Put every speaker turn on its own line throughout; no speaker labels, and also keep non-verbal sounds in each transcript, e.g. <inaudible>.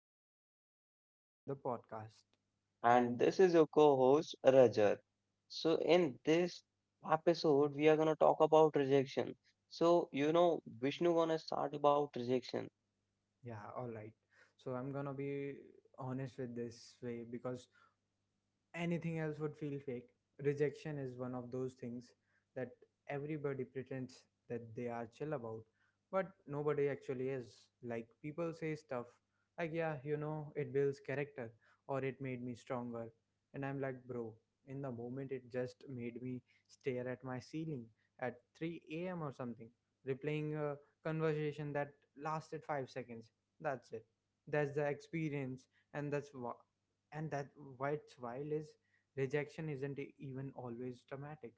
Vishnu, and welcome back to the podcast.
and
And
this is your co host Rajat. So in this episode, we are gonna talk about rejection. So, you know, Vishnu gonna start about rejection.
yeah, all right. So I'm gonna be honest with this way, because anything else would feel fake. Rejection is one of those things that everybody pretends that they are chill about, but nobody actually is. Like, people say stuff like, yeah, it builds character, or it made me stronger. And I'm like, bro, in the moment, it just made me stare at my ceiling at 3 a.m. or something, replaying a conversation that lasted 5 seconds. That's it. That's the experience. And that why it's wild is, rejection isn't even always dramatic.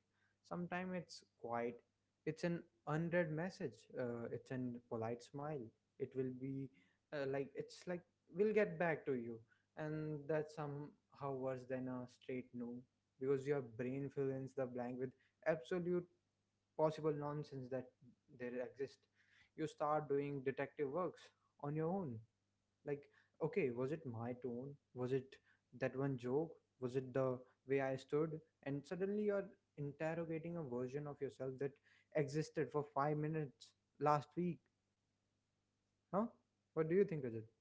Sometimes it's quiet, it's an unread message, it's an polite smile. It will be, like, we'll get back to you. And that's somehow worse than a straight no, because your brain fills in the blank with absolute possible nonsense that there exist. You start doing detective works on your own, like, okay, was it my tone, was it that one joke, was it the way I stood? And suddenly you're interrogating a version of yourself that existed for 5 minutes last week. Huh. What do you think, Rajat?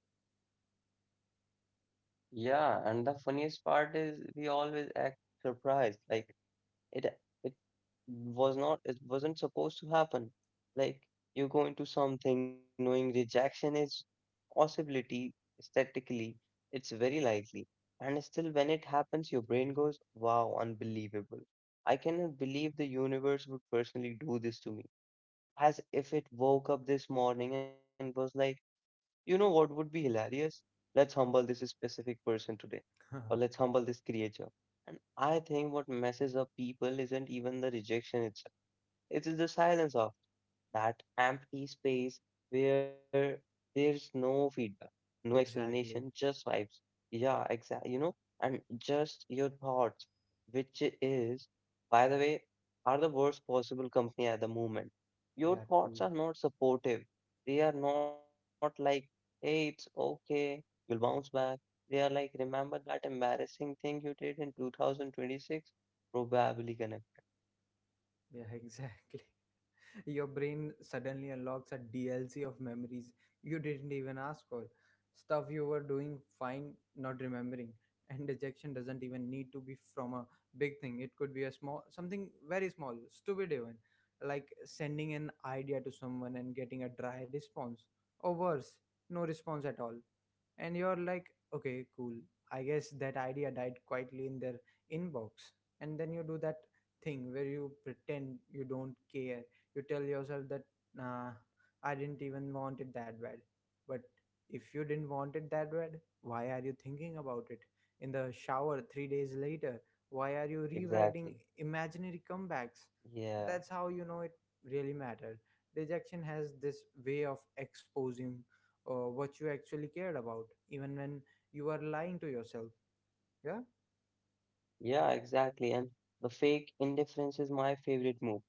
Yeah, and the funniest part is we always act surprised. Like, it it was not, it wasn't supposed to happen. Like, you go into something knowing rejection is possibility, aesthetically it's very likely, and still when it happens your brain goes, wow, unbelievable, I cannot believe the universe would personally do this to me, as if it woke up this morning and was like, you know what would be hilarious? Let's humble this specific person today, or let's humble this creature. And I think what messes up people isn't even the rejection itself. It is the silence of that empty space where there's no feedback, no
<laughs>
explanation,
Exactly.
just vibes. Yeah, exactly. You know, and just your thoughts, which is, by the way, are the worst possible company at the moment. Your
Yeah,
thoughts
true.
are not supportive. They are not like, hey, it's okay, you'll bounce back. They are like, remember that embarrassing thing you did in 2026? Probably gonna.
Yeah. <laughs> Exactly. Your brain suddenly unlocks a DLC of memories you didn't even ask for. Stuff you were doing fine, not remembering. And dejection doesn't even need to be from a big thing. It could be a small, something very small, stupid even, like sending an idea to someone and getting a dry response, or worse, no response at all. And you're like, okay, cool. I guess that idea died quietly in their inbox. And then you do that thing where you pretend you don't care. You tell yourself that, nah, I didn't even want it that bad. But if you didn't want it that bad, why are you thinking about it in the shower 3 days later? Why are you rewriting
Exactly.
imaginary comebacks?
Yeah.
That's how you know it really mattered. Rejection has this way of exposing, what you actually cared about, even when you are lying to yourself. Yeah.
Yeah, exactly. And the fake indifference is my favorite move.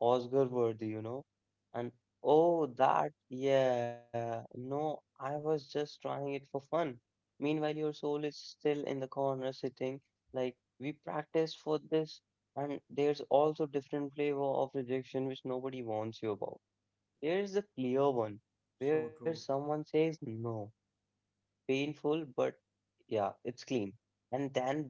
Oscar worthy, you know. And, oh, that, yeah. No, I was just trying it for fun. Meanwhile, your soul is still in the corner sitting. Like, we practiced for this. And there's also different flavor of rejection which nobody warns you about. There is the clear one where
So true.
someone says no, painful, but yeah, it's clean. And then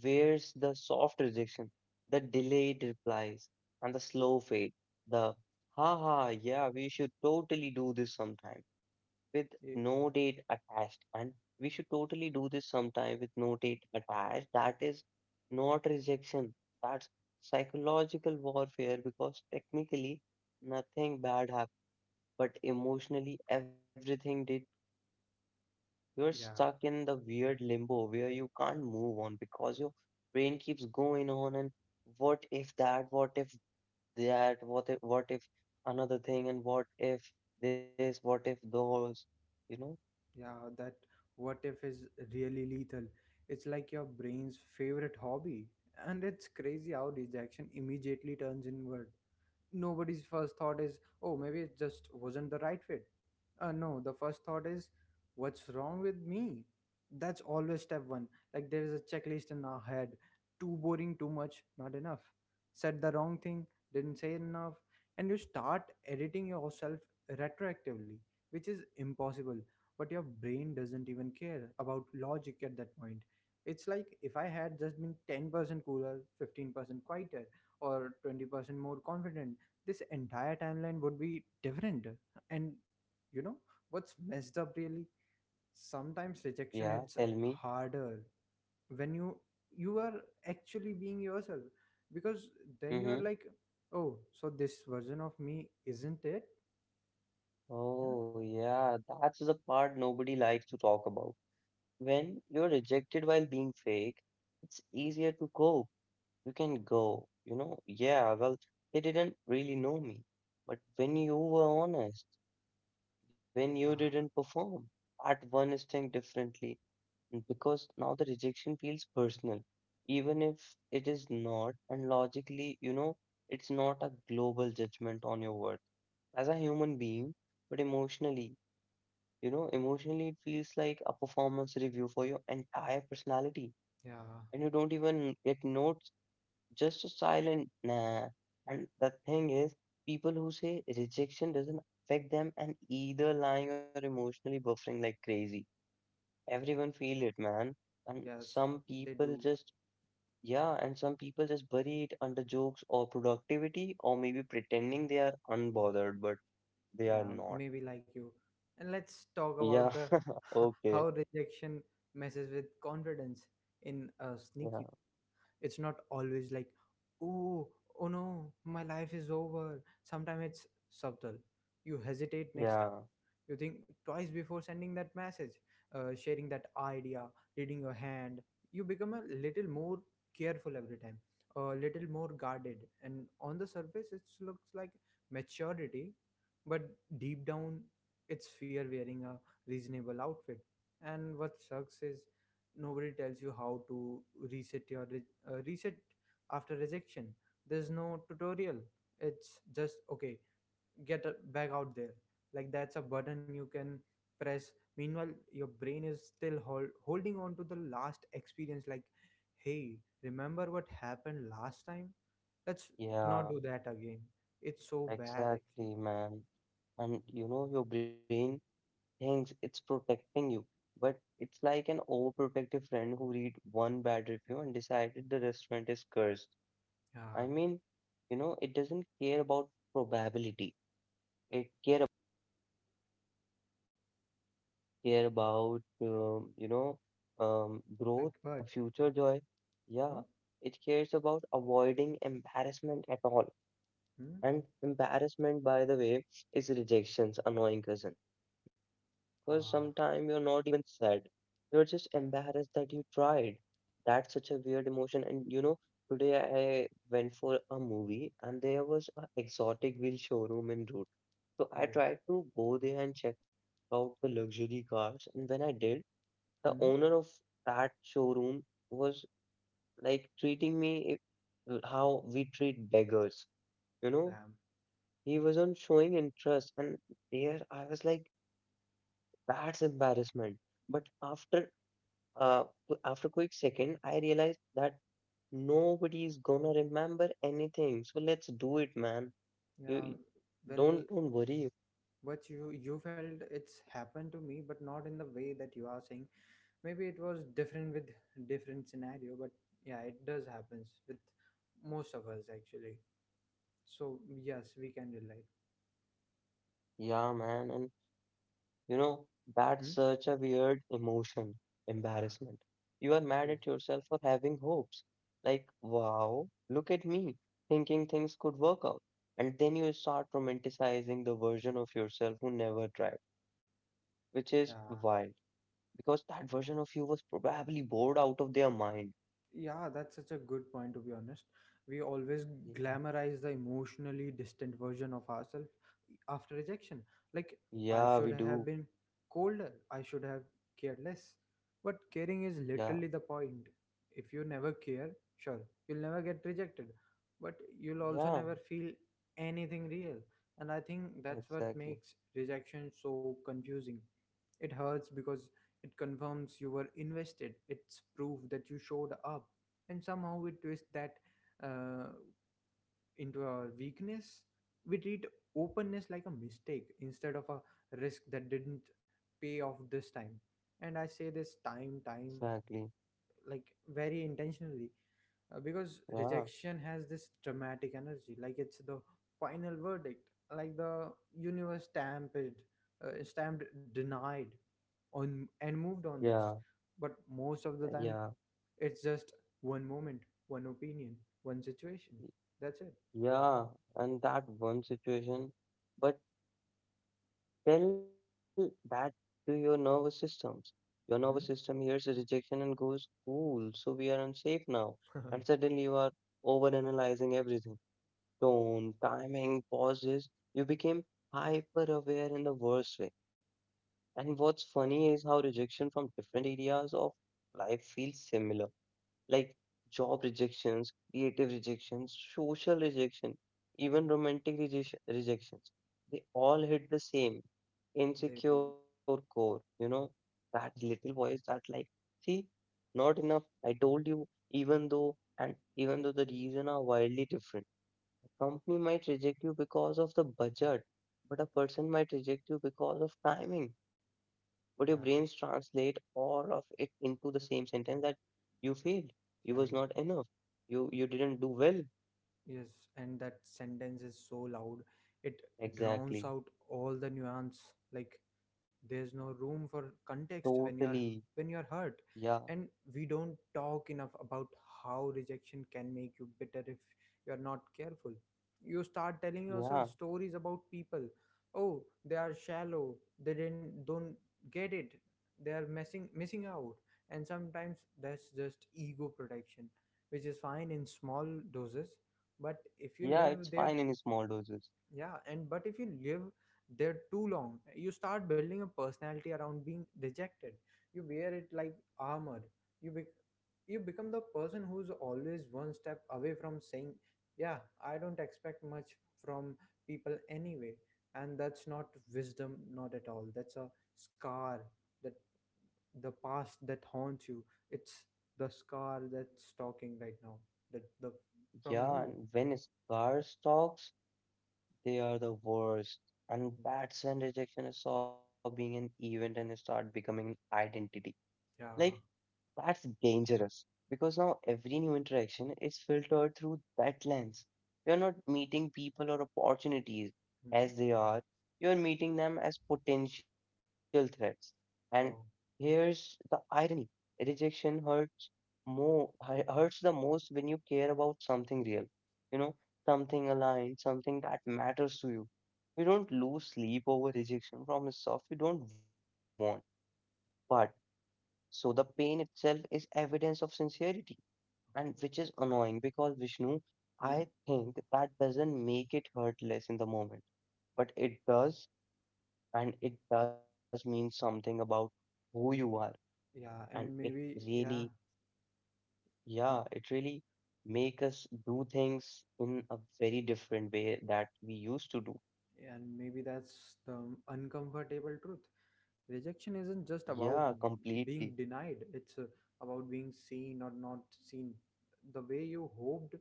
where's the soft rejection, the delayed replies, and the slow fade, the ha ha, yeah, we should totally do this sometime with
Ye-
no date attached, and we should totally do this sometime with no date attached. That is not rejection, that's psychological warfare, because technically nothing bad happened, but emotionally everything did. You're stuck
yeah.
in the weird limbo where you can't move on because your brain keeps going on and what if that, what if that, what if another thing, and what if this, what if those, you know?
Yeah, that what if is really lethal. It's like your brain's favorite hobby. And it's crazy how rejection immediately turns inward. Nobody's first thought is, oh, maybe it just wasn't the right fit. No, the first thought is, what's wrong with me? That's always step one. Like, there is a checklist in our head. Too boring, too much, not enough. Said the wrong thing, didn't say enough. And you start editing yourself retroactively, which is impossible. But your brain doesn't even care about logic at that point. It's like, if I had just been 10% cooler, 15% quieter, or 20% more confident, this entire timeline would be different. And you know what's messed up really? Sometimes rejection
Yeah,
hits
tell me.
harder when you are actually being yourself, because then you are
Mm-hmm.
like, oh, so this version of me isn't it? Yeah.
Oh, yeah, that's the part nobody likes to talk about. When you're rejected while being fake, it's easier to cope. You can go, you know, yeah, well, they didn't really know me. But when you were honest, when you
Ah,
didn't perform at one instinct differently, because now the rejection feels personal even if it is not, and logically you know it's not a global judgment on your worth as a human being, but emotionally, you know, emotionally it feels like a performance review for your entire personality,
yeah.
and you don't even get notes, just a silent nah. And the thing is, people who say rejection doesn't affect them and either lying or emotionally buffering like crazy. Everyone feel it, man. And
Yes,
some
they
people
do.
just, yeah, and some people just bury it under jokes or productivity or maybe pretending they are unbothered, but they are
Yeah,
not.
maybe like you. And let's talk about
Yeah,
the
<laughs>
<laughs> how
okay.
rejection messes with confidence in a sneaky.
Yeah,
It's not always like, oh, oh no, my life is over. Sometimes it's subtle. You hesitate next time,
yeah,
you think twice before sending that message, sharing that idea, reading your hand. You become a little more careful every time, a little more guarded. And on the surface it looks like maturity, but deep down it's fear wearing a reasonable outfit. And what sucks is, nobody tells you how to reset your reset after rejection. There's no tutorial. It's just, okay, get back out there, like, that's a button you can press. Meanwhile your brain is still holding on to the last experience, like, hey, remember what happened last time, let's not
yeah,
do that again. It's so bad actually.
exactly, man. And you know, your brain thinks it's protecting you, but it's like an overprotective friend who read one bad review and decided the restaurant is cursed. I
Yeah,
mean, you know, it doesn't care about probability. It care about you know,
like,
growth, or
but
future joy. Yeah,
no.
it cares about avoiding embarrassment at all.
Hmm?
And embarrassment, by the way, is rejection's annoying cousin. Because sometimes
uh
you're not even sad. You're just embarrassed that you tried. That's such a weird emotion. And, you know, today I went for a movie and there was an exotic wheel showroom in route. So I
oh.
tried to go there and check out the luxury cars. And when I did, the owner
Hmm?
of that showroom was like treating me how we treat beggars. You know,
Damn.
he wasn't showing interest. And there I was like, that's embarrassment. But after after a quick second, I realized that nobody's gonna remember anything. So let's do it, man. You
Yeah.
you-
Well,
don't worry.
what you felt, it's happened to me, but not in the way that you are saying. Maybe it was different with different scenario, but yeah, it does happens with most of us actually. So yes, we can relate.
Yeah, man. And, you know, that's such a
Hmm?
weird emotion, embarrassment.
Yeah,
You are mad
it
at
is.
yourself for having hopes. Like, wow, look at me, thinking things could work out. And then you start romanticizing the version of yourself who never tried, which is wild
Yeah.
because that version of you was probably bored out of their mind.
Yeah, that's such a good point to be honest. We always
Yeah.
glamorize the emotionally distant version of ourselves after rejection. Like, I
Yeah, we
should have
do.
been colder, I should have cared less. But caring is
Yeah,
literally the point. If you never care, sure, you'll never get rejected, but you'll
yeah,
also never feel anything real. And I think that's what
exactly,
makes rejection so confusing. It hurts because it confirms you were invested. It's proof that you showed up. And somehow we twist that, uh, into our weakness. We treat openness like a mistake instead of a risk that didn't pay off this time. And I say this time,
exactly.
like, very intentionally, because
Yeah,
rejection has this dramatic energy, like it's the final verdict, like the universe stamped denied on and moved on.
yeah,
Just, but most of the
yeah.
time it's just one moment, one opinion, one situation. That's it.
Yeah, and that one situation, but tell that to your nervous systems. Your nervous
Hmm?
system hears a rejection and goes, cool, so we are unsafe now. And suddenly you are overanalyzing everything. Tone, timing, pauses. You became hyper aware in the worst way. And what's funny is how rejection from different areas of life feels similar, like job rejections, creative rejections, social rejection, even romantic rejection, rejections. They all hit the same
<laughs> They do.
insecure core, you know, that little voice that like, see, not enough. I told you, even though the reason are wildly different, company might reject you because of the budget, but a person might reject you because of timing. Would your brains
Yeah.
translate all of it into the same sentence, that you failed, you was not
Yeah.
enough, you didn't do well.
Yes, and that sentence is so loud. It drowns
Exactly,
out all the nuance. Like, there's no room for
totally,
context when you're
yeah,
hurt. And we don't talk enough about how rejection can make you bitter if you're not careful. You start telling
yeah,
yourself stories about people. Oh, they are shallow. They didn't don't get it. They are messing missing out. And sometimes that's just ego protection, which is fine in small doses. But if you
yeah.
live
It's fine
there,
in small doses.
yeah, and but if you live there too long, you start building a personality around being rejected. You wear it like armor. You become the person who's always one step away from saying, yeah, I don't expect much from people anyway. And that's not wisdom, not at all. That's a scar, that, the past, that haunts you. It's the scar that's talking right now, that the,
Yeah,
from
and
you.
when scarce talks, they are the worst. And that's when rejection stop being an event and start becoming an identity. Like,
Yeah.
that's dangerous because now every new interaction is filtered through that lens. You're not meeting people or opportunities as
Hmm.
they are, you're meeting them as potential threats. And
Oh.
here's the irony, rejection more hurts the most when you care about something real, you know, something aligned, something that matters to you. You don't lose sleep over rejection from stuff you don't want. But so the pain itself is evidence of sincerity, and which is
Oh.
annoying because, Vishnu, I
Hmm?
think that doesn't make it hurt less in the moment, but it does, and it does mean something about who you are, and
Yeah,
it really, yeah,
um,
it really make us do things in a very different way that we used to do.
and maybe that's the uncomfortable truth. Rejection
Yeah,
isn't just about
completely.
being denied. It's, about being seen or not seen the way you hoped.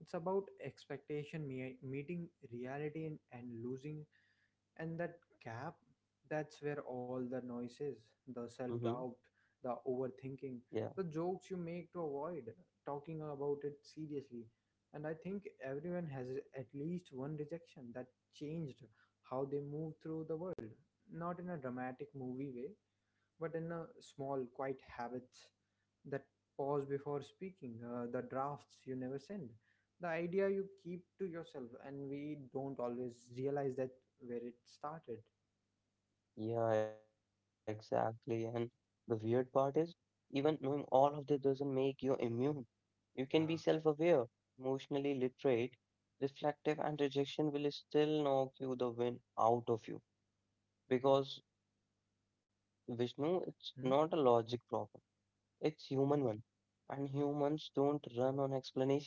It's about expectation meeting reality, and losing. And that gap, that's where
Mm-hmm.
all the noise is, the self doubt,
Yeah.
the overthinking, the jokes you make to avoid talking about it seriously. And I think everyone has at least one rejection that changed how they move through the world. Not in a dramatic movie way, but in a small, quiet habits, that pause before speaking, the drafts you never send, the idea you keep to yourself. And we don't always realize that where it started.
Yeah, exactly. And the weird part is, even knowing all of this doesn't make you immune. You can be self-aware, emotionally literate, reflective, and rejection will still knock you the wind out of you.
Yeah.
Because, Vishnu, it's not a logic
Hmm?
problem. It's human one. And humans don't run on explanation,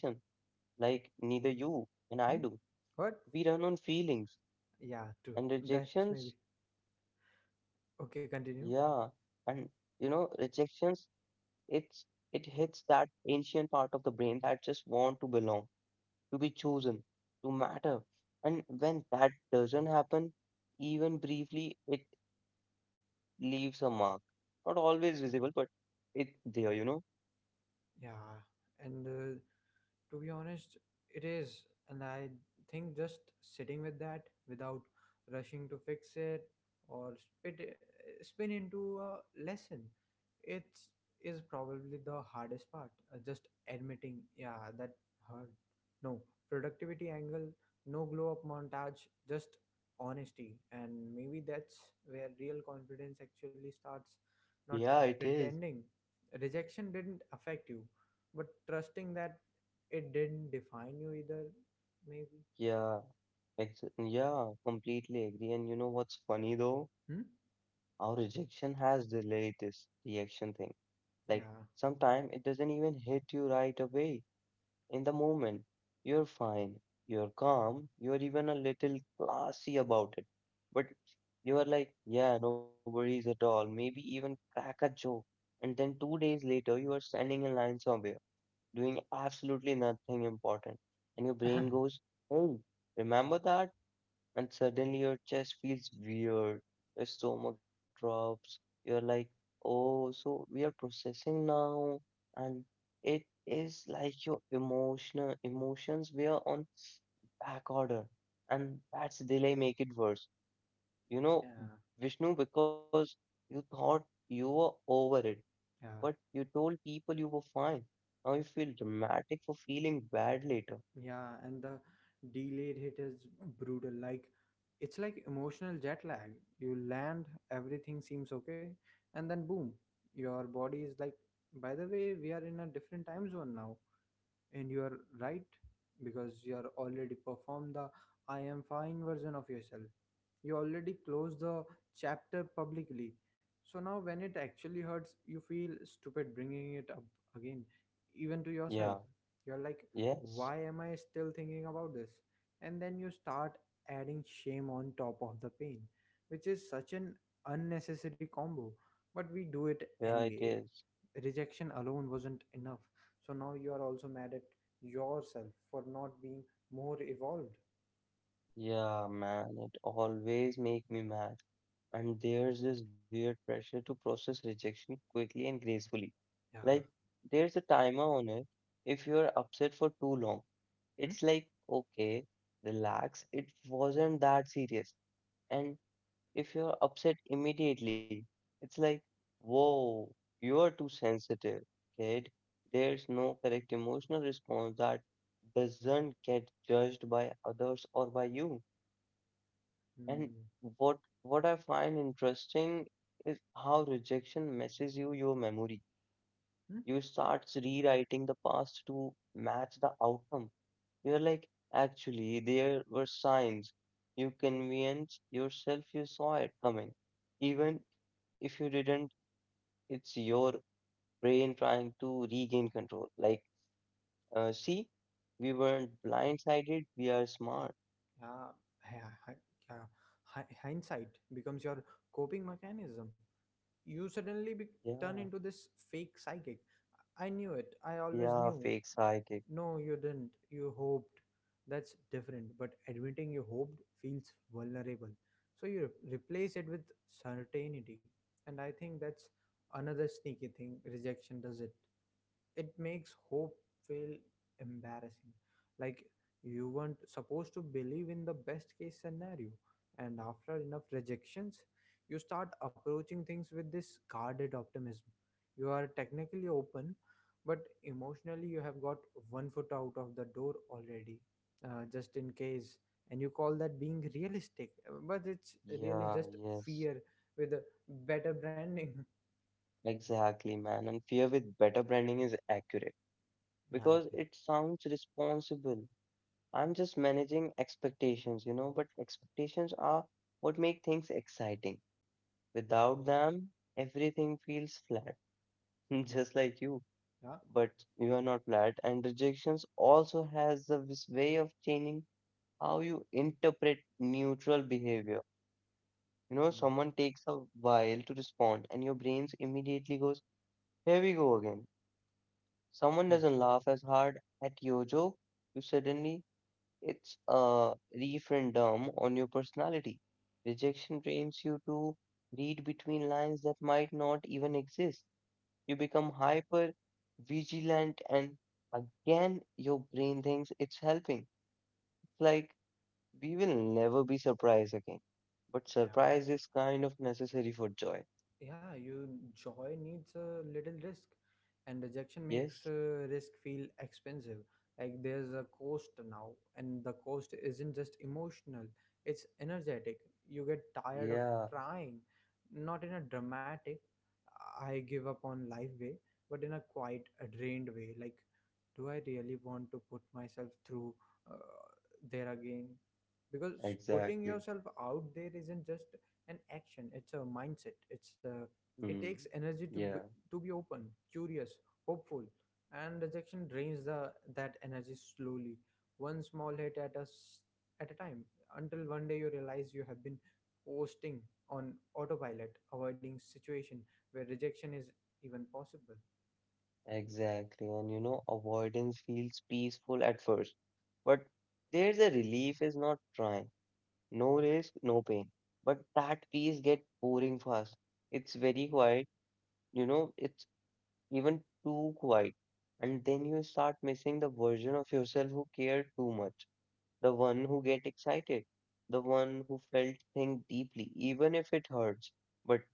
like neither you and I
Hmm?
do.
What?
We run on feelings
Yeah, true.
and
That
rejections,
maybe.
yeah.
Okay,
And,
continue.
you know, rejections, It's it hits that ancient part of the brain that just want to belong, to be chosen, to matter. And when that doesn't happen, even briefly, it leaves a mark. Not always visible, but it's there, you know?
Yeah. And To be honest, it is. And I think just sitting with that without rushing to fix it or spin into a lesson, it is probably the hardest part. Just admitting, yeah, that hurt. No productivity angle, no glow up montage, just honesty. And maybe that's where real confidence actually starts,
Yeah,
not
it is.
pretending rejection didn't affect you, but trusting that it didn't define you either, maybe.
Yeah. Ex yeah, completely agree. And you know what's funny though?
Hmm?
Our rejection has delayed this reaction thing. Like,
Yeah.
sometimes it doesn't even hit you right away. In the moment, you're fine, you're calm, you're even a little classy about it. But you are like, yeah, no worries at all, maybe even crack a joke. And then two days later, you are standing in line somewhere, doing absolutely nothing important. And your brain goes,
<clears throat>
hey, remember that? And suddenly your chest feels weird, your stomach drops, you're like, oh, so we are processing now, and it is like your emotional emotions were on back order, and that's delay make it worse. You know,
Yeah.
Vishnu, because you thought you were over it, but
Yeah.
you told people you were fine. Now you feel dramatic for feeling bad later.
Yeah, and the delayed hit is brutal. Like, it's like emotional jet lag. You land, everything seems okay, and then boom, your body is like, by the way, we are in a different time zone now. And you are right, because you are already performed the I am fine version of yourself, you already closed the chapter publicly. So now when it actually hurts, you feel stupid bringing it up again, even to
Yeah,
yourself. You're like,
yes,
why am I still thinking about this? And then you start adding shame on top of the pain, which is such an unnecessary combo, but we do it
yeah, it
anyway.
is.
Rejection alone wasn't enough, so now you are also mad at yourself for not being more evolved.
Yeah, man, it always make me mad. And there's this weird pressure to process rejection quickly and gracefully. Like,
Yeah.
there's a timer on it. If you're upset for too long,
Hmm?
it's like, okay, relax, it wasn't that serious. And if you're upset immediately, it's like, whoa, you're too sensitive, kid. There's no correct emotional response that doesn't get judged by others or by you. And
Hmm.
what what I find interesting is how rejection messes you your memory.
Hmm?
You start rewriting the past to match the outcome. You're like, actually, there were signs. You convince yourself you saw it coming. Even if you didn't, it's your brain trying to regain control. Like, see, we weren't blindsided, we are smart.
Yeah. Yeah. Yeah. Hindsight becomes your coping mechanism. You suddenly turn
Yeah,
into this fake psychic. I knew it, I always
yeah,
knew.
fake psychic.
No, you didn't. You hoped. That's different. But admitting you hoped feels vulnerable, so you replace it with certainty. And I think that's another sneaky thing rejection does. It makes hope feel embarrassing, like you weren't supposed to believe in the best case scenario. And after enough rejections, you start approaching things with this guarded optimism. You are technically open, but emotionally you have got one foot out of the door already, just in case. And you call that being realistic, but it's really
Yeah,
just
yes.
fear with a better branding.
Exactly, man. And fear with better branding is accurate
<laughs> Behind
because
it.
it sounds responsible. I'm just managing expectations, you know, but expectations are what make things exciting. Without them, everything feels flat, <laughs> just like you.
Yeah.
But you are not flat, and rejections also has a this way of changing how you interpret neutral behavior. You know,
Mm.
someone takes a while to respond, and your brains immediately goes, "Here we go again." Someone doesn't laugh as hard at your joke, you suddenly it's a referendum on your personality. Rejection trains you to read between lines that might not even exist. You become hyper vigilant and again your brain thinks it's helping. It's like we will never be surprised again. But
<laughs> yeah.
surprise is kind of necessary for joy.
Yeah your joy needs a little risk, and rejection makes
Yes?
risk feel expensive. Like there's a cost now, and the cost isn't just emotional, it's energetic. You get tired of
Yeah,
trying, not in a dramatic I give up on life way, but in a quite a drained way. Like, do I really want to put myself through uh, there again? Because putting
exactly.
yourself out there isn't just an action, it's a mindset, it
Hmm.
takes energy
Yeah.
to be open, curious, hopeful. And rejection drains the that energy slowly, one small hit at us at a time, until one day you realize you have been coasting on autopilot, avoiding situation where rejection is even possible.
Exactly. And you know, avoidance feels peaceful at first, but there's a relief is not trying. No risk, no pain. But that peace get boring fast. It's very quiet, you know, it's even too quiet. And then you start missing the version of yourself who cared too much, the one who get excited, the one who felt thing deeply, even if it hurts. But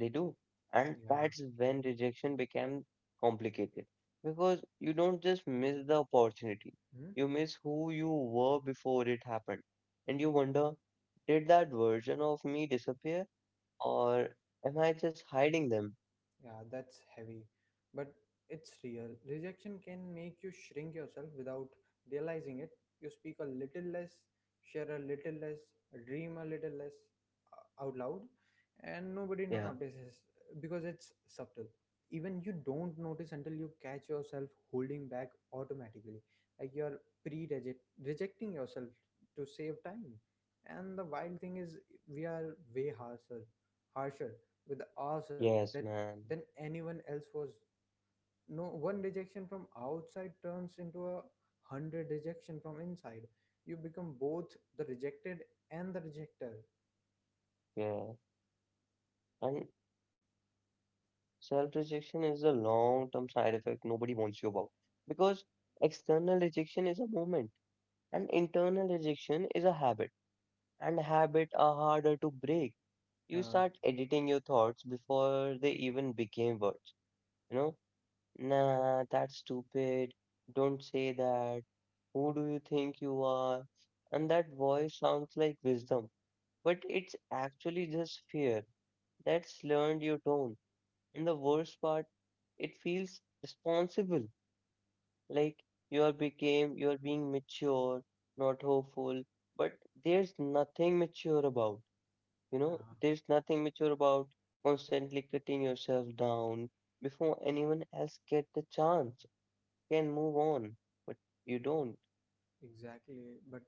they do. And
Yeah.
that's when rejection became complicated because you don't just miss the opportunity,
Hmm?
you miss who you were before it happened. And you wonder, did that version of me disappear or am I just hiding them?
Yeah, that's heavy, but it's real. Rejection can make you shrink yourself without realizing it. You speak a little less, share a little less, dream a little less out loud, and nobody
Yeah,
notices because it's subtle. Even you don't notice until you catch yourself holding back automatically, like you're pre rejecting yourself to save time. And the wild thing is, we are way harsher, harsher with ourselves that
yes, man.
than anyone else was. No one rejection from outside turns into a hundred rejection from inside. You become both the rejected and the rejector.
Yeah. And self-rejection is a long-term side effect nobody warns you about because external rejection is a moment and internal rejection is a habit. And habits are harder to break. You
Yeah,
start editing your thoughts before they even became words. You know, nah, that's stupid. Don't say that. Who do you think you are? And that voice sounds like wisdom, but it's actually just fear that's learned your tone. And the worst part, it feels responsible, like you are became you are being mature, not hopeful, but there's nothing mature about. You know,
yeah,
there's nothing mature about constantly cutting yourself down before anyone else get the chance. You can move on, but you don't.
exactly. But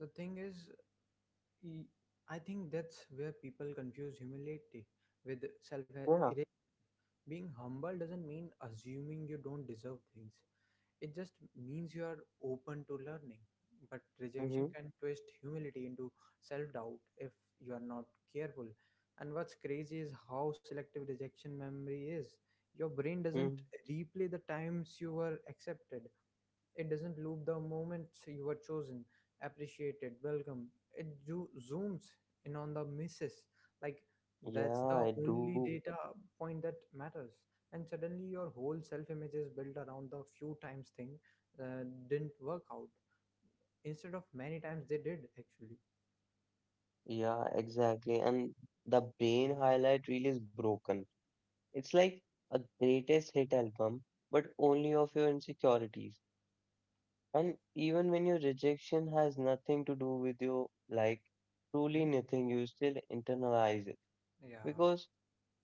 the thing is, e- I think that's where people confuse humility with self
Yeah.
erasure. Being humble doesn't mean assuming you don't deserve things. It just means you are open to learning. But rejection
Mm-hmm.
can twist humility into self doubt if you are not careful. And what's crazy is how selective rejection memory is. Your brain doesn't
Mm.
replay the times you were accepted, it doesn't loop the moments you were chosen, appreciated, welcome. It zooms in on the misses. Like
Yeah,
that's
I
the only
do.
data point that matters. And suddenly your whole self image is built around the few times thing didn't work out, instead of many times they did actually.
Yeah, exactly. And the brain highlight reel is broken. It's like a greatest hit album, but only of your insecurities. And even when your rejection has nothing to do with your like truly
Hmm?
nothing, you still internalize it
Yeah.
because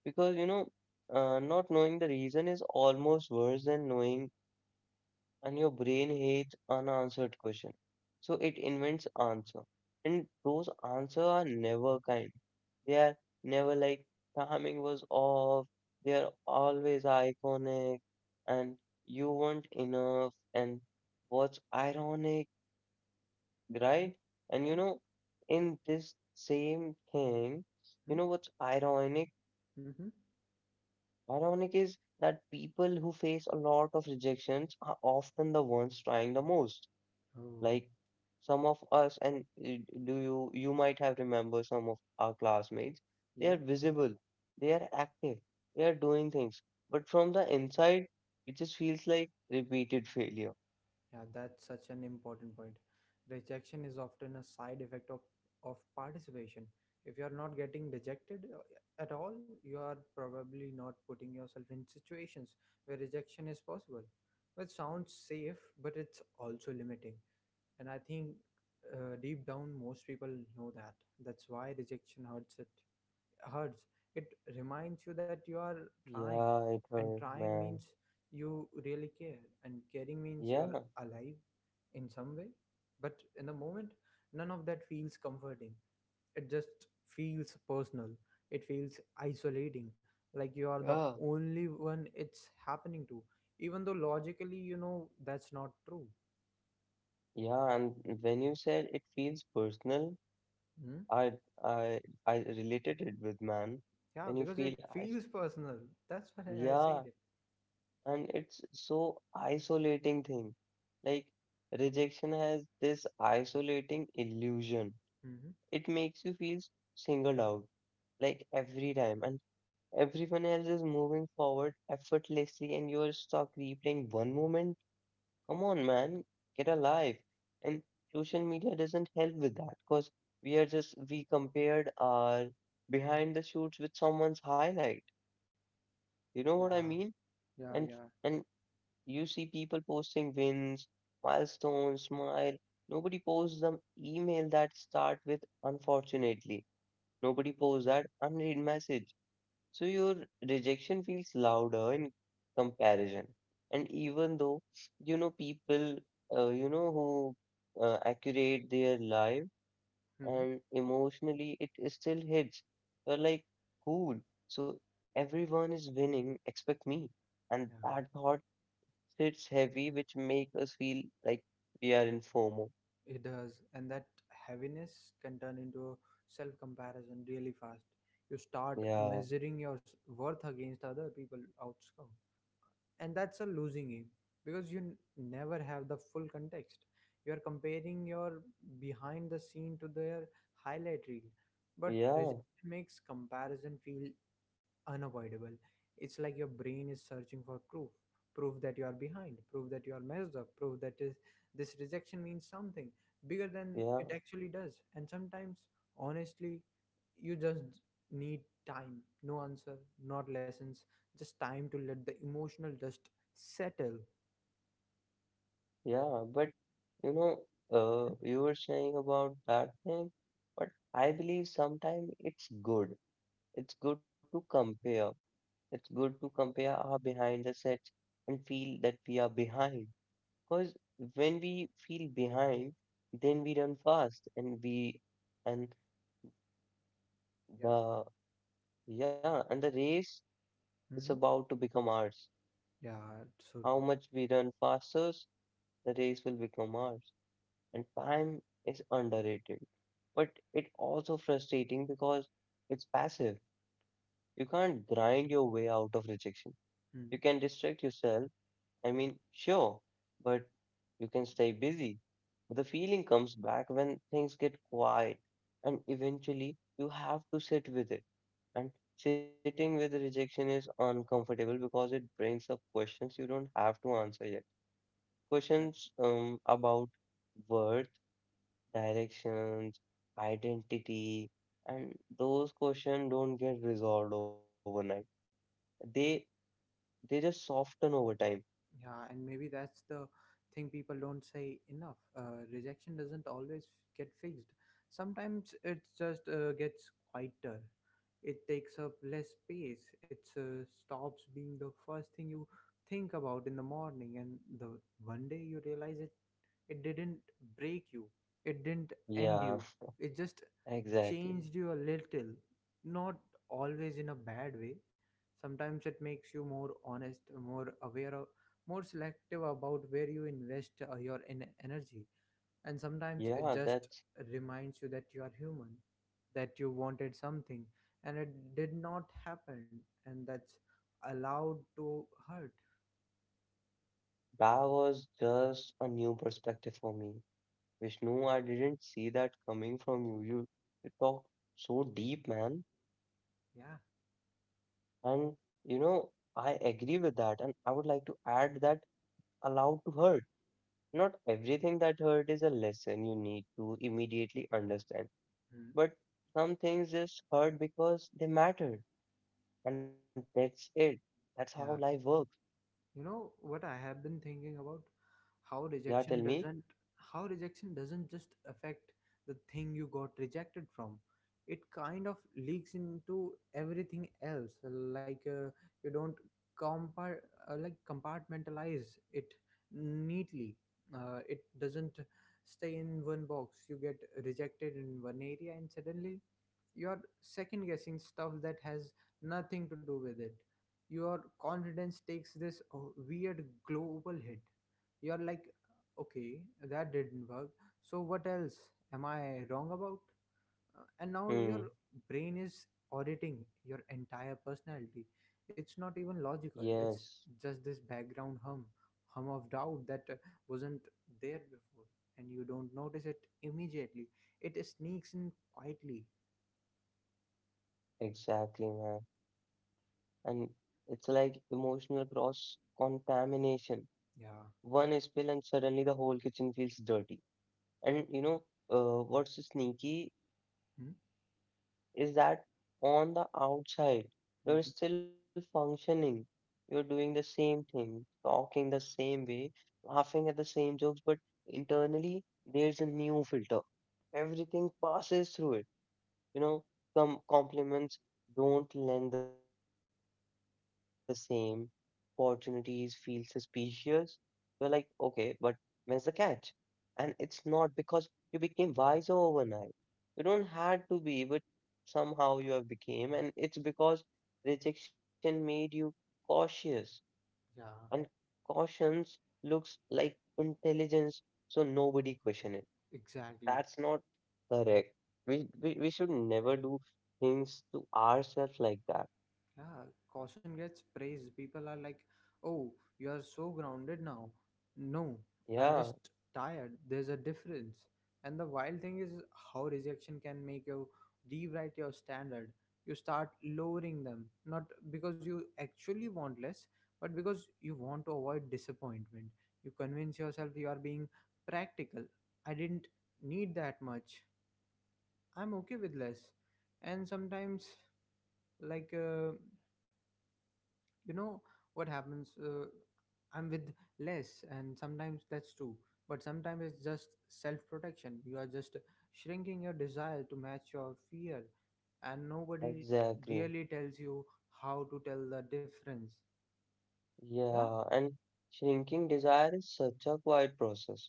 Because, you know, not knowing the reason is almost worse than knowing, and your brain hates unanswered question. So it invents answer. And those answer are never kind. They are never like timing was off. They are always iconic and you weren't enough and what's ironic,
Hmm?
right? And you
Yeah.
know, in this same thing, you
Hmm?
know what's ironic.
Mm-hmm.
Ironic is that people who face a lot of rejections are often the ones trying the most.
Oh.
Like some of us, and do you might have remember some of our classmates. They
Yeah.
are visible, they are active, they are doing things, but from the inside, it just feels like repeated failure.
Yeah, that's such an important point. Rejection is often a side effect of participation. If you're not getting rejected at all, you are probably not putting yourself in situations where rejection is possible. Which sounds safe, but it's also limiting. And I think, deep down, most people know that. That's why rejection hurts it reminds you that you are trying,
Yeah, it
and
hurt,
trying
man.
means you really care, and caring means you are
Yeah.
alive in some way. But in the moment, none of that feels comforting, it just feels personal, it feels isolating, like you are the
Yeah.
only one it's happening to, even though logically you know that's not true.
Yeah, and when you said it feels personal,
Hmm?
I I I related it with man.
Yeah,
When you
because it
feel I.
feels personal, that's why I
Yeah,
said it.
and it's so isolating thing. Like rejection has this isolating illusion.
Hmm.
It makes you feel singled out, like every time, and everyone else is moving forward effortlessly, and you're stuck replaying one moment. Come on, man, get alive. And social media doesn't help with that because we are just we compared our behind the shoots with someone's highlight. You know what I
Yeah,
mean?
yeah,
And
yeah.
and you see people posting wins, milestones, smile. Nobody posts them email that start with unfortunately. Nobody posts that unread message. So your rejection feels louder in comparison. And even though, you know, people, you know, who accurate their life
Hmm.
and emotionally, it is still hits. We're like, cool. So everyone is winning except me. And
Yeah.
that thought it's heavy, which make us feel like we are in FOMO.
It does, and that heaviness can turn into self comparison really fast. You start
Yeah,
measuring your worth against other people' outcome, and that's a losing game because you never have the full context. You are comparing your behind the scene to their highlight reel, but
yeah,
rejection makes comparison feel unavoidable. It's like your brain is searching for proof, proof that you are behind, proof that you are messed up, proof that is, this rejection means something bigger than
yeah,
it actually does. And sometimes, honestly, you just need time, no answer, not lessons, just time to let the emotional just settle.
yeah. But you know, you were saying about that thing, but I believe sometimes it's good. It's good to compare. It's good to compare our behind the sets and feel that we are behind. Because when we feel behind, then we run fast and we and
Yeah.
the yeah and the race is
Hmm.
about to become ours.
Yeah, it's so
How
true.
much we run faster, the race will become ours. And time is underrated, but it also frustrating because it's passive. You can't grind your way out of rejection. You
Hmm.
can distract yourself. I mean, sure, but you can stay busy. The feeling comes back when things get quiet, and eventually you have to sit with it. And sitting with rejection is uncomfortable because it brings up questions you don't have to answer yet. Questions about worth, directions, identity, and those questions don't get resolved overnight. They they just soften over time.
Yeah, and maybe that's the thing people don't say enough. Rejection doesn't always get fixed. Sometimes it just gets quieter. It takes up less space. It stops being the first thing you think about in the morning, and the one day you realize it. It didn't break you. It didn't end
Yeah,
you. It just
<laughs> exactly.
changed you a little, not always in a bad way. Sometimes it makes you more honest, more aware more selective about where you invest your energy, and sometimes
Yeah,
it just
that's
reminds you that you are human, that you wanted something and it did not happen, and that's allowed to hurt.
that was just a new perspective for me. Vishnu, I didn't see that coming from you. You talked so deep, man.
Yeah.
And you know, I agree with that, and I would like to add that allowed to hurt. Not everything that hurt is a lesson you need to immediately understand,
Mm.
but some things just hurt because they matter, and that's it. That's how life
Yeah,
works.
you know what I have been thinking about? how
Yeah, tell
rejection
me.
doesn't how rejection doesn't just affect the thing you got rejected from, it kind of leaks into everything else. Like, you don't compar- like compartmentalize it neatly. It doesn't stay in one box. You get rejected in one area and suddenly you're second guessing stuff that has nothing to do with it. Your confidence takes this weird global hit. You're like, okay, that didn't work. So what else am I wrong about? And now your
Hmm.
brain is auditing your entire personality. It's not even logical.
Yes,
It's just this background hum of doubt that wasn't there before, and you don't notice it immediately. It sneaks in quietly.
exactly, man. And it's like emotional cross contamination.
Yeah.
One spill and suddenly the whole kitchen feels dirty. And you know, what's sneaky
Hmm?
is that on the outside, you're
Mhm.
still functioning. You're doing the same thing, talking the same way, laughing at the same jokes, but internally, there's a new filter. Everything passes through it. You know, some compliments don't lend the same. Opportunities feel suspicious. You're like, okay, but when's the catch? And it's not because you became wiser overnight. You don't had to be, but somehow you have became. And it's because rejection made you cautious. And
Yeah,
cautions looks like intelligence, so nobody question it.
exactly.
That's not correct. We should never do things to ourselves like that.
Yeah, caution gets praised. People are like, oh, you are so grounded now. No,
Yeah,
I'm just tired. There's a difference. And the wild thing is how rejection can make you rewrite your standard. You start lowering them, not because you actually want less, but because you want to avoid disappointment. You convince yourself you are being practical. I didn't need that much. I'm okay with less. And sometimes, like, you know, what happens? I'm with less, and sometimes that's true. But sometimes it's just self protection. You are just shrinking your desire to match your fear, and nobody
exactly.
really tells you how to tell the difference. Yeah?
Yeah, and shrinking desire is such a quiet process.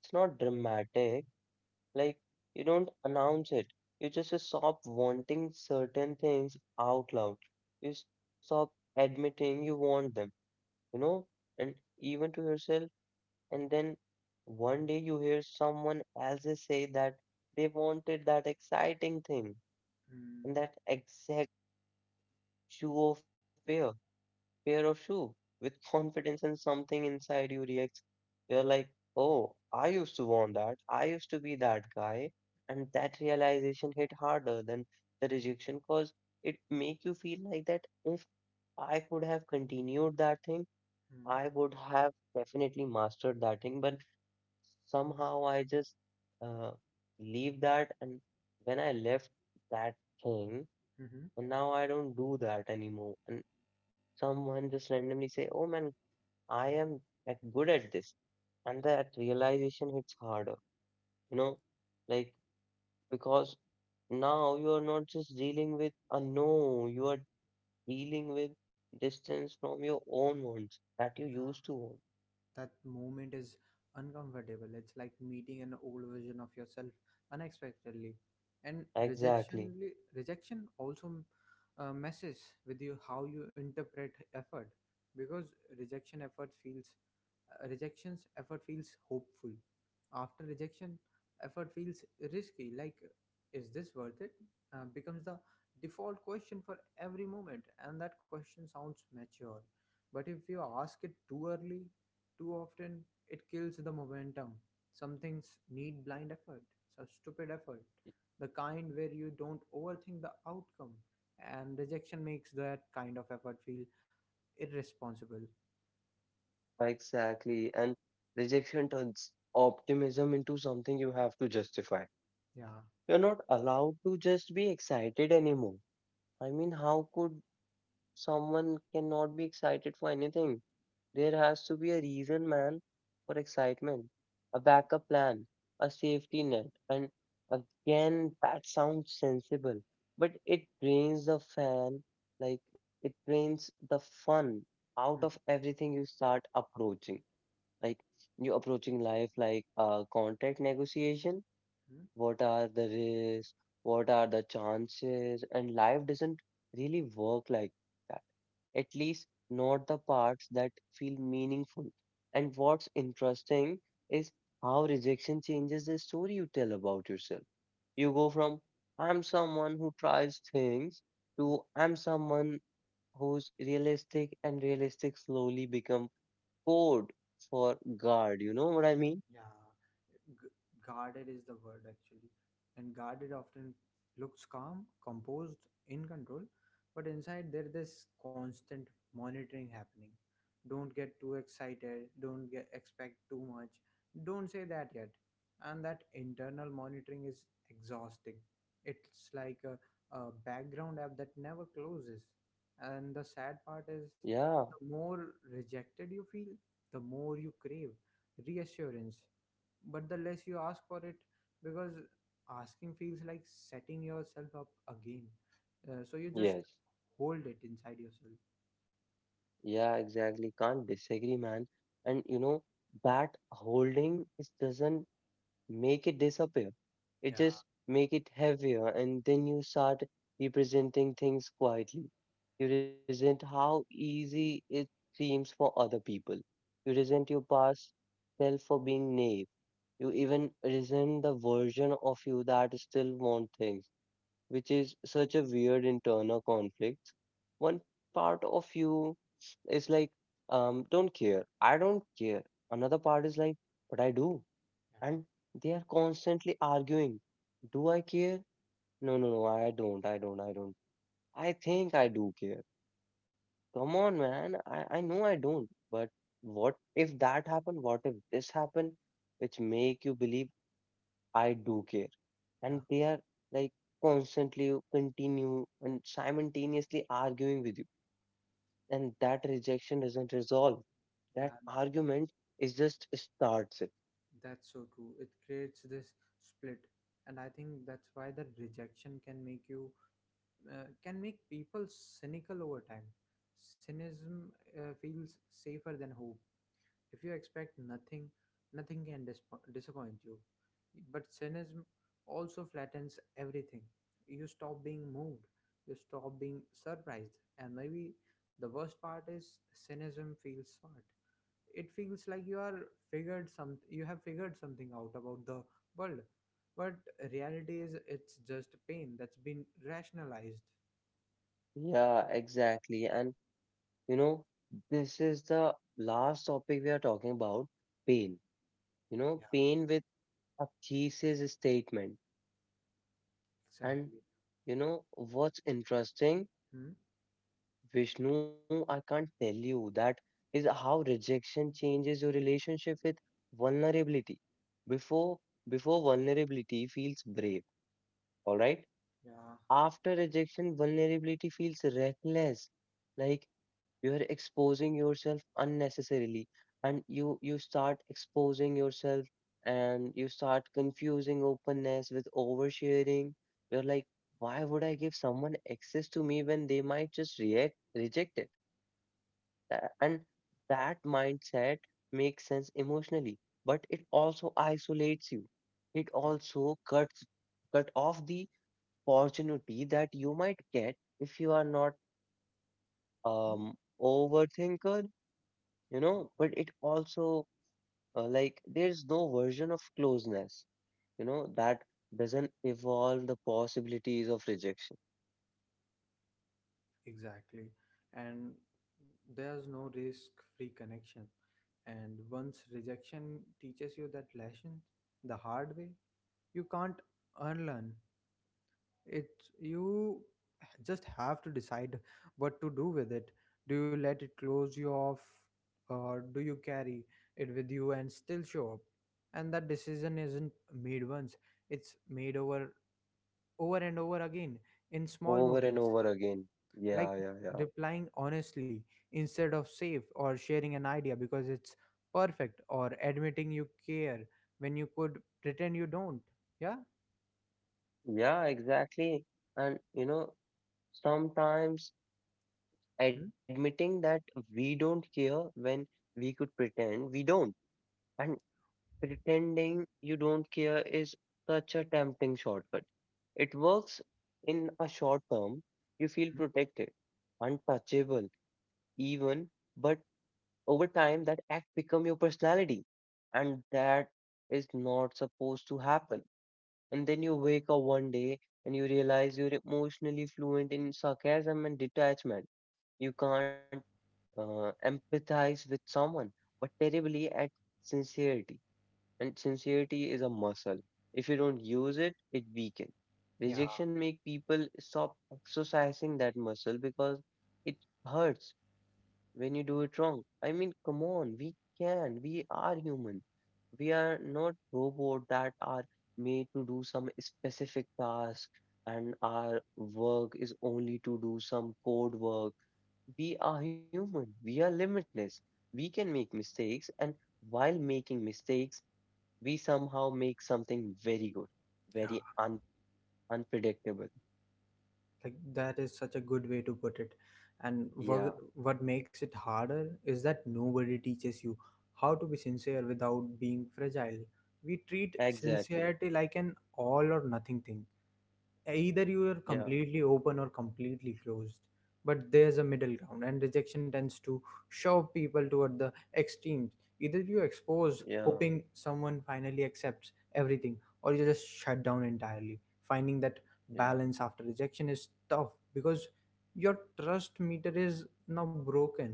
It's not dramatic. Like, you don't announce it. You just stop wanting certain things out loud. You stop admitting you want them, you know, and even to yourself. And then one day you hear someone else say that they wanted that exciting thing and that exact shoe of fear pair of shoe with confidence and something inside you reacts. You're like, oh, I used to want that. I used to be that guy. And that realization hit harder than the rejection cause it make you feel like that if I could have continued that thing, I
Mm-hmm.
would have definitely mastered that thing. But somehow I just uh, leave that. And when I left that thing,
Mm-hmm.
and now I don't do that anymore. And someone just randomly say, "Oh man, I am like good at this," and that realization hits harder. You know, like because now you are not just dealing with a no, you are dealing with distance from your own wants that you
Yeah.
used to want.
That moment is uncomfortable. It's like meeting an old version of yourself unexpectedly. And
Exactly,
rejection also messes with you how you interpret effort, because rejection effort feels rejection's effort feels hopeful. After rejection, effort feels risky. Like, is this worth it? Becomes the default question for every moment, and that question sounds mature. But if you ask it too early, too often, it kills the momentum. Some things need blind effort, some stupid effort, the kind where you don't overthink the outcome. And rejection makes that kind of effort feel irresponsible.
exactly. And rejection turns optimism into something you have to justify.
Yeah.
You're not allowed to just be excited anymore. I mean, how could someone cannot be excited for anything? There has to be a reason, man, for excitement, a backup plan, a safety net. And again, that sounds sensible, but it drains the fan, like it drains the fun out of
Mhm.
everything you start approaching. Like you approaching life like a contract negotiation what are the risks? What are the chances? And life doesn't really work like that. At least not the parts that feel meaningful. And what's interesting is how rejection changes the story you tell about yourself. You go from I'm someone who tries things
Mhm.
to I'm someone who's realistic and realistic slowly become code for God. You know what I mean?
Yeah, g- guarded is the word actually. And guarded often looks calm, composed, in control, but inside there this constant monitoring happening. Don't get too excited, don't get, expect too much, don't say that yet. And that internal monitoring is exhausting. It's like a background app that never closes. And the sad part
Yeah,
is, the more rejected you feel, the more you crave reassurance, but the less you ask for it, because asking feels like setting yourself up again, so you just
yes.
hold it inside yourself.
Yeah, exactly. Can't disagree, man. And you know, that holding is doesn't make it disappear. It
Yeah,
just make it heavier, and then you start representing things quietly. You resent how easy it seems for other people. You resent your past self for being naive. You even resent the version of you that still want things which is such a weird internal conflict. One part of you is like, don't care, I don't care. Another part is like, but I do.
yeah,
And they are constantly arguing, do I care? No, I don't. I think I do care. Come on, man, I know I don't. But what if that happened? What if this happened? Which make you believe I do care and
yeah.
they are like constantly continue and simultaneously arguing with you and that rejection doesn't resolve that
Yeah,
argument is just starts it
that's so true. It creates this split, and I think that's why the rejection can make you, can make people cynical over time. Cynicism feels safer than hope. If you expect nothing, nothing can disappoint you. But cynicism also flattens everything. You stop being moved, you stop being surprised, and maybe the worst part is cynicism feels smart. It feels like you are figured some you have figured something out about the world. But reality is, it's just pain that's been rationalized.
yeah exactly and you know this is the last topic we are talking about pain you know
Yeah,
pain with a thesis statement and
exactly.
you know what's interesting
Hmm?
Vishnu, I can't tell you that is how rejection changes your relationship with vulnerability. Before before vulnerability feels brave, all right?
Yeah.
After rejection, vulnerability feels reckless. Like you are exposing yourself unnecessarily and you start exposing yourself and you start confusing openness with oversharing. You're like, why would I give someone access to me when they might just react reject it? And that mindset makes sense emotionally, but it also isolates you. It
Yeah.
also cut off the opportunity that you might get if you are not um
Hmm?
overthinker, you know,
Oh.
but it also like there's no version of closeness, you know, that doesn't evolve the possibilities of rejection
Exactly. And there's no risk free connection. And once rejection teaches you that lesson the hard way, you can't unlearn. It You just have to decide what to do with it. Do you let it close you off, or do you carry it with you and still show up? And that decision isn't made once, it's made over and over again in small
over and
moments,
over again.
like
Yeah, yeah, yeah.
replying honestly instead of safe, or sharing an idea because it's perfect, or admitting you care when you could pretend you don't. Yeah.
Yeah, exactly. And you know, sometimes
Hmm?
admitting that we don't care when we could pretend we don't. And pretending you don't care is such a tempting shortcut. It works in a short term. You feel protected, untouchable, even, but over time that act become your personality. And that is not supposed to happen. And then you wake up one day and you realize you're emotionally fluent in sarcasm and detachment. You can't empathize with someone, but terribly at sincerity. And sincerity is a muscle. If you don't use it, it weakens.
Hmm. Yeah,
Rejection make people stop exercising that muscle because it hurts when you do it wrong. I mean, come on, we can, we are human. We are not robots that are made to do some specific task and our work is only to do some code work. We are human. We are limitless. We can make mistakes and while making mistakes, we somehow make something very good, very
yeah,
un unpredictable.
like that is such a good way to put it. And
Yeah,
what makes it harder is that nobody teaches you how to be sincere without being fragile. We treat
exactly.
sincerity like an all or nothing thing, either you are
Yeah,
completely open or completely closed. But there's a middle ground, and rejection tends to shove people toward the extremes, either you expose
yeah,
hoping someone finally accepts everything, or you just shut down entirely. Finding that
yeah.
balance after rejection is tough, because your trust meter is now broken.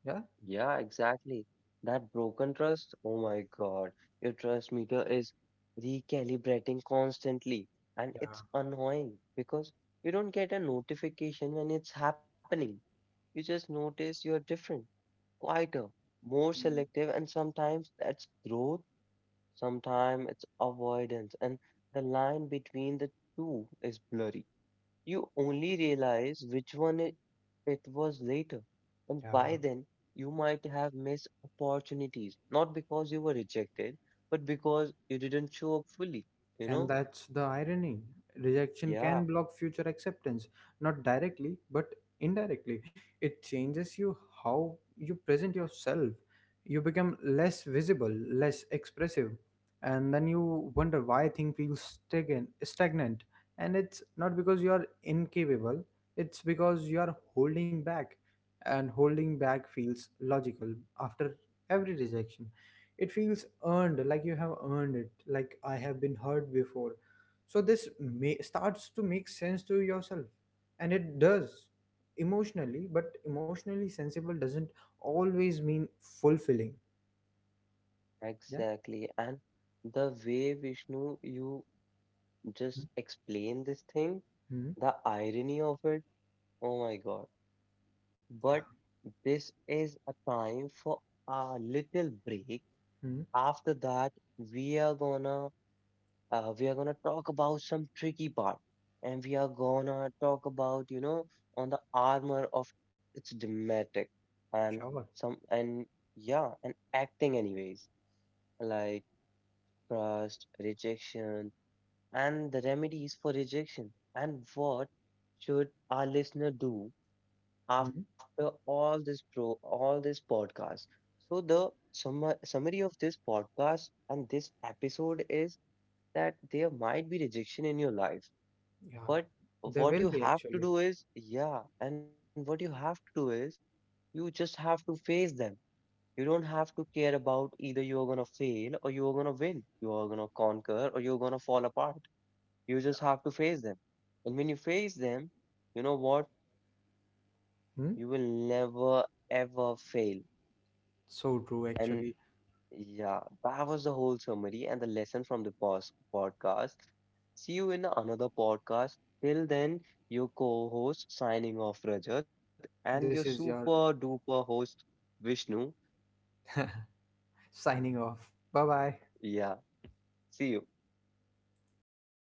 Yeah.
Yeah, exactly. That broken trust, oh my God, your trust meter is recalibrating constantly, and it's
Yeah.
annoying because you don't get a notification when it's happening. You just notice you're different, quieter, more
Mm.
selective, and sometimes that's growth, sometimes it's avoidance, and the line between the two is blurry. You only realize which one it was later. And by
Yeah.
then, you might have missed opportunities, not because you were rejected, but because you didn't show up fully, you
And
know?
that's the irony. Rejection
Yeah,
can block future acceptance, not directly, but indirectly. It changes you how you present yourself. You become less visible, less expressive, and then you wonder why things feel stagnant. And it's not because you are incapable, it's because you are holding back, and holding back feels logical after every rejection. It feels earned, like you have earned it, like I have been heard before. So starts to make sense to yourself, and it does emotionally, but emotionally sensible doesn't always mean fulfilling. Yeah.
exactly. And the way Vishnu, you just explain this thing,
Hmm.
the irony of it, oh my God. But
Yeah.
this is a time for a little break.
Hmm.
After that, we are gonna we are gonna talk about some tricky part, and we are gonna talk about you know on the armor of its dramatic and
Sure.
some and yeah and acting anyways like trust, rejection, and the remedies for rejection and what should our listener do
Hmm.
after all this podcast. So the summary of this podcast and this episode is that there might be rejection in your life
Yeah.
but
There
what
will
you
be
have to
actually.
do is, yeah, and what you have to do is, you just have to face them. You don't have to care about either you're gonna fail or you're gonna win, you're gonna conquer or you're gonna fall apart. You just have to face them. And when you face them, you know what? You will
Hmm?
never ever fail.
So true,
And
actually.
yeah, that was the whole summary and the lesson from the podcast. See you in another podcast. Till then, your co host signing off, Rajat, and your
This is
super
your
duper host, Vishnu.
signing off. Bye bye.
Yeah, see you.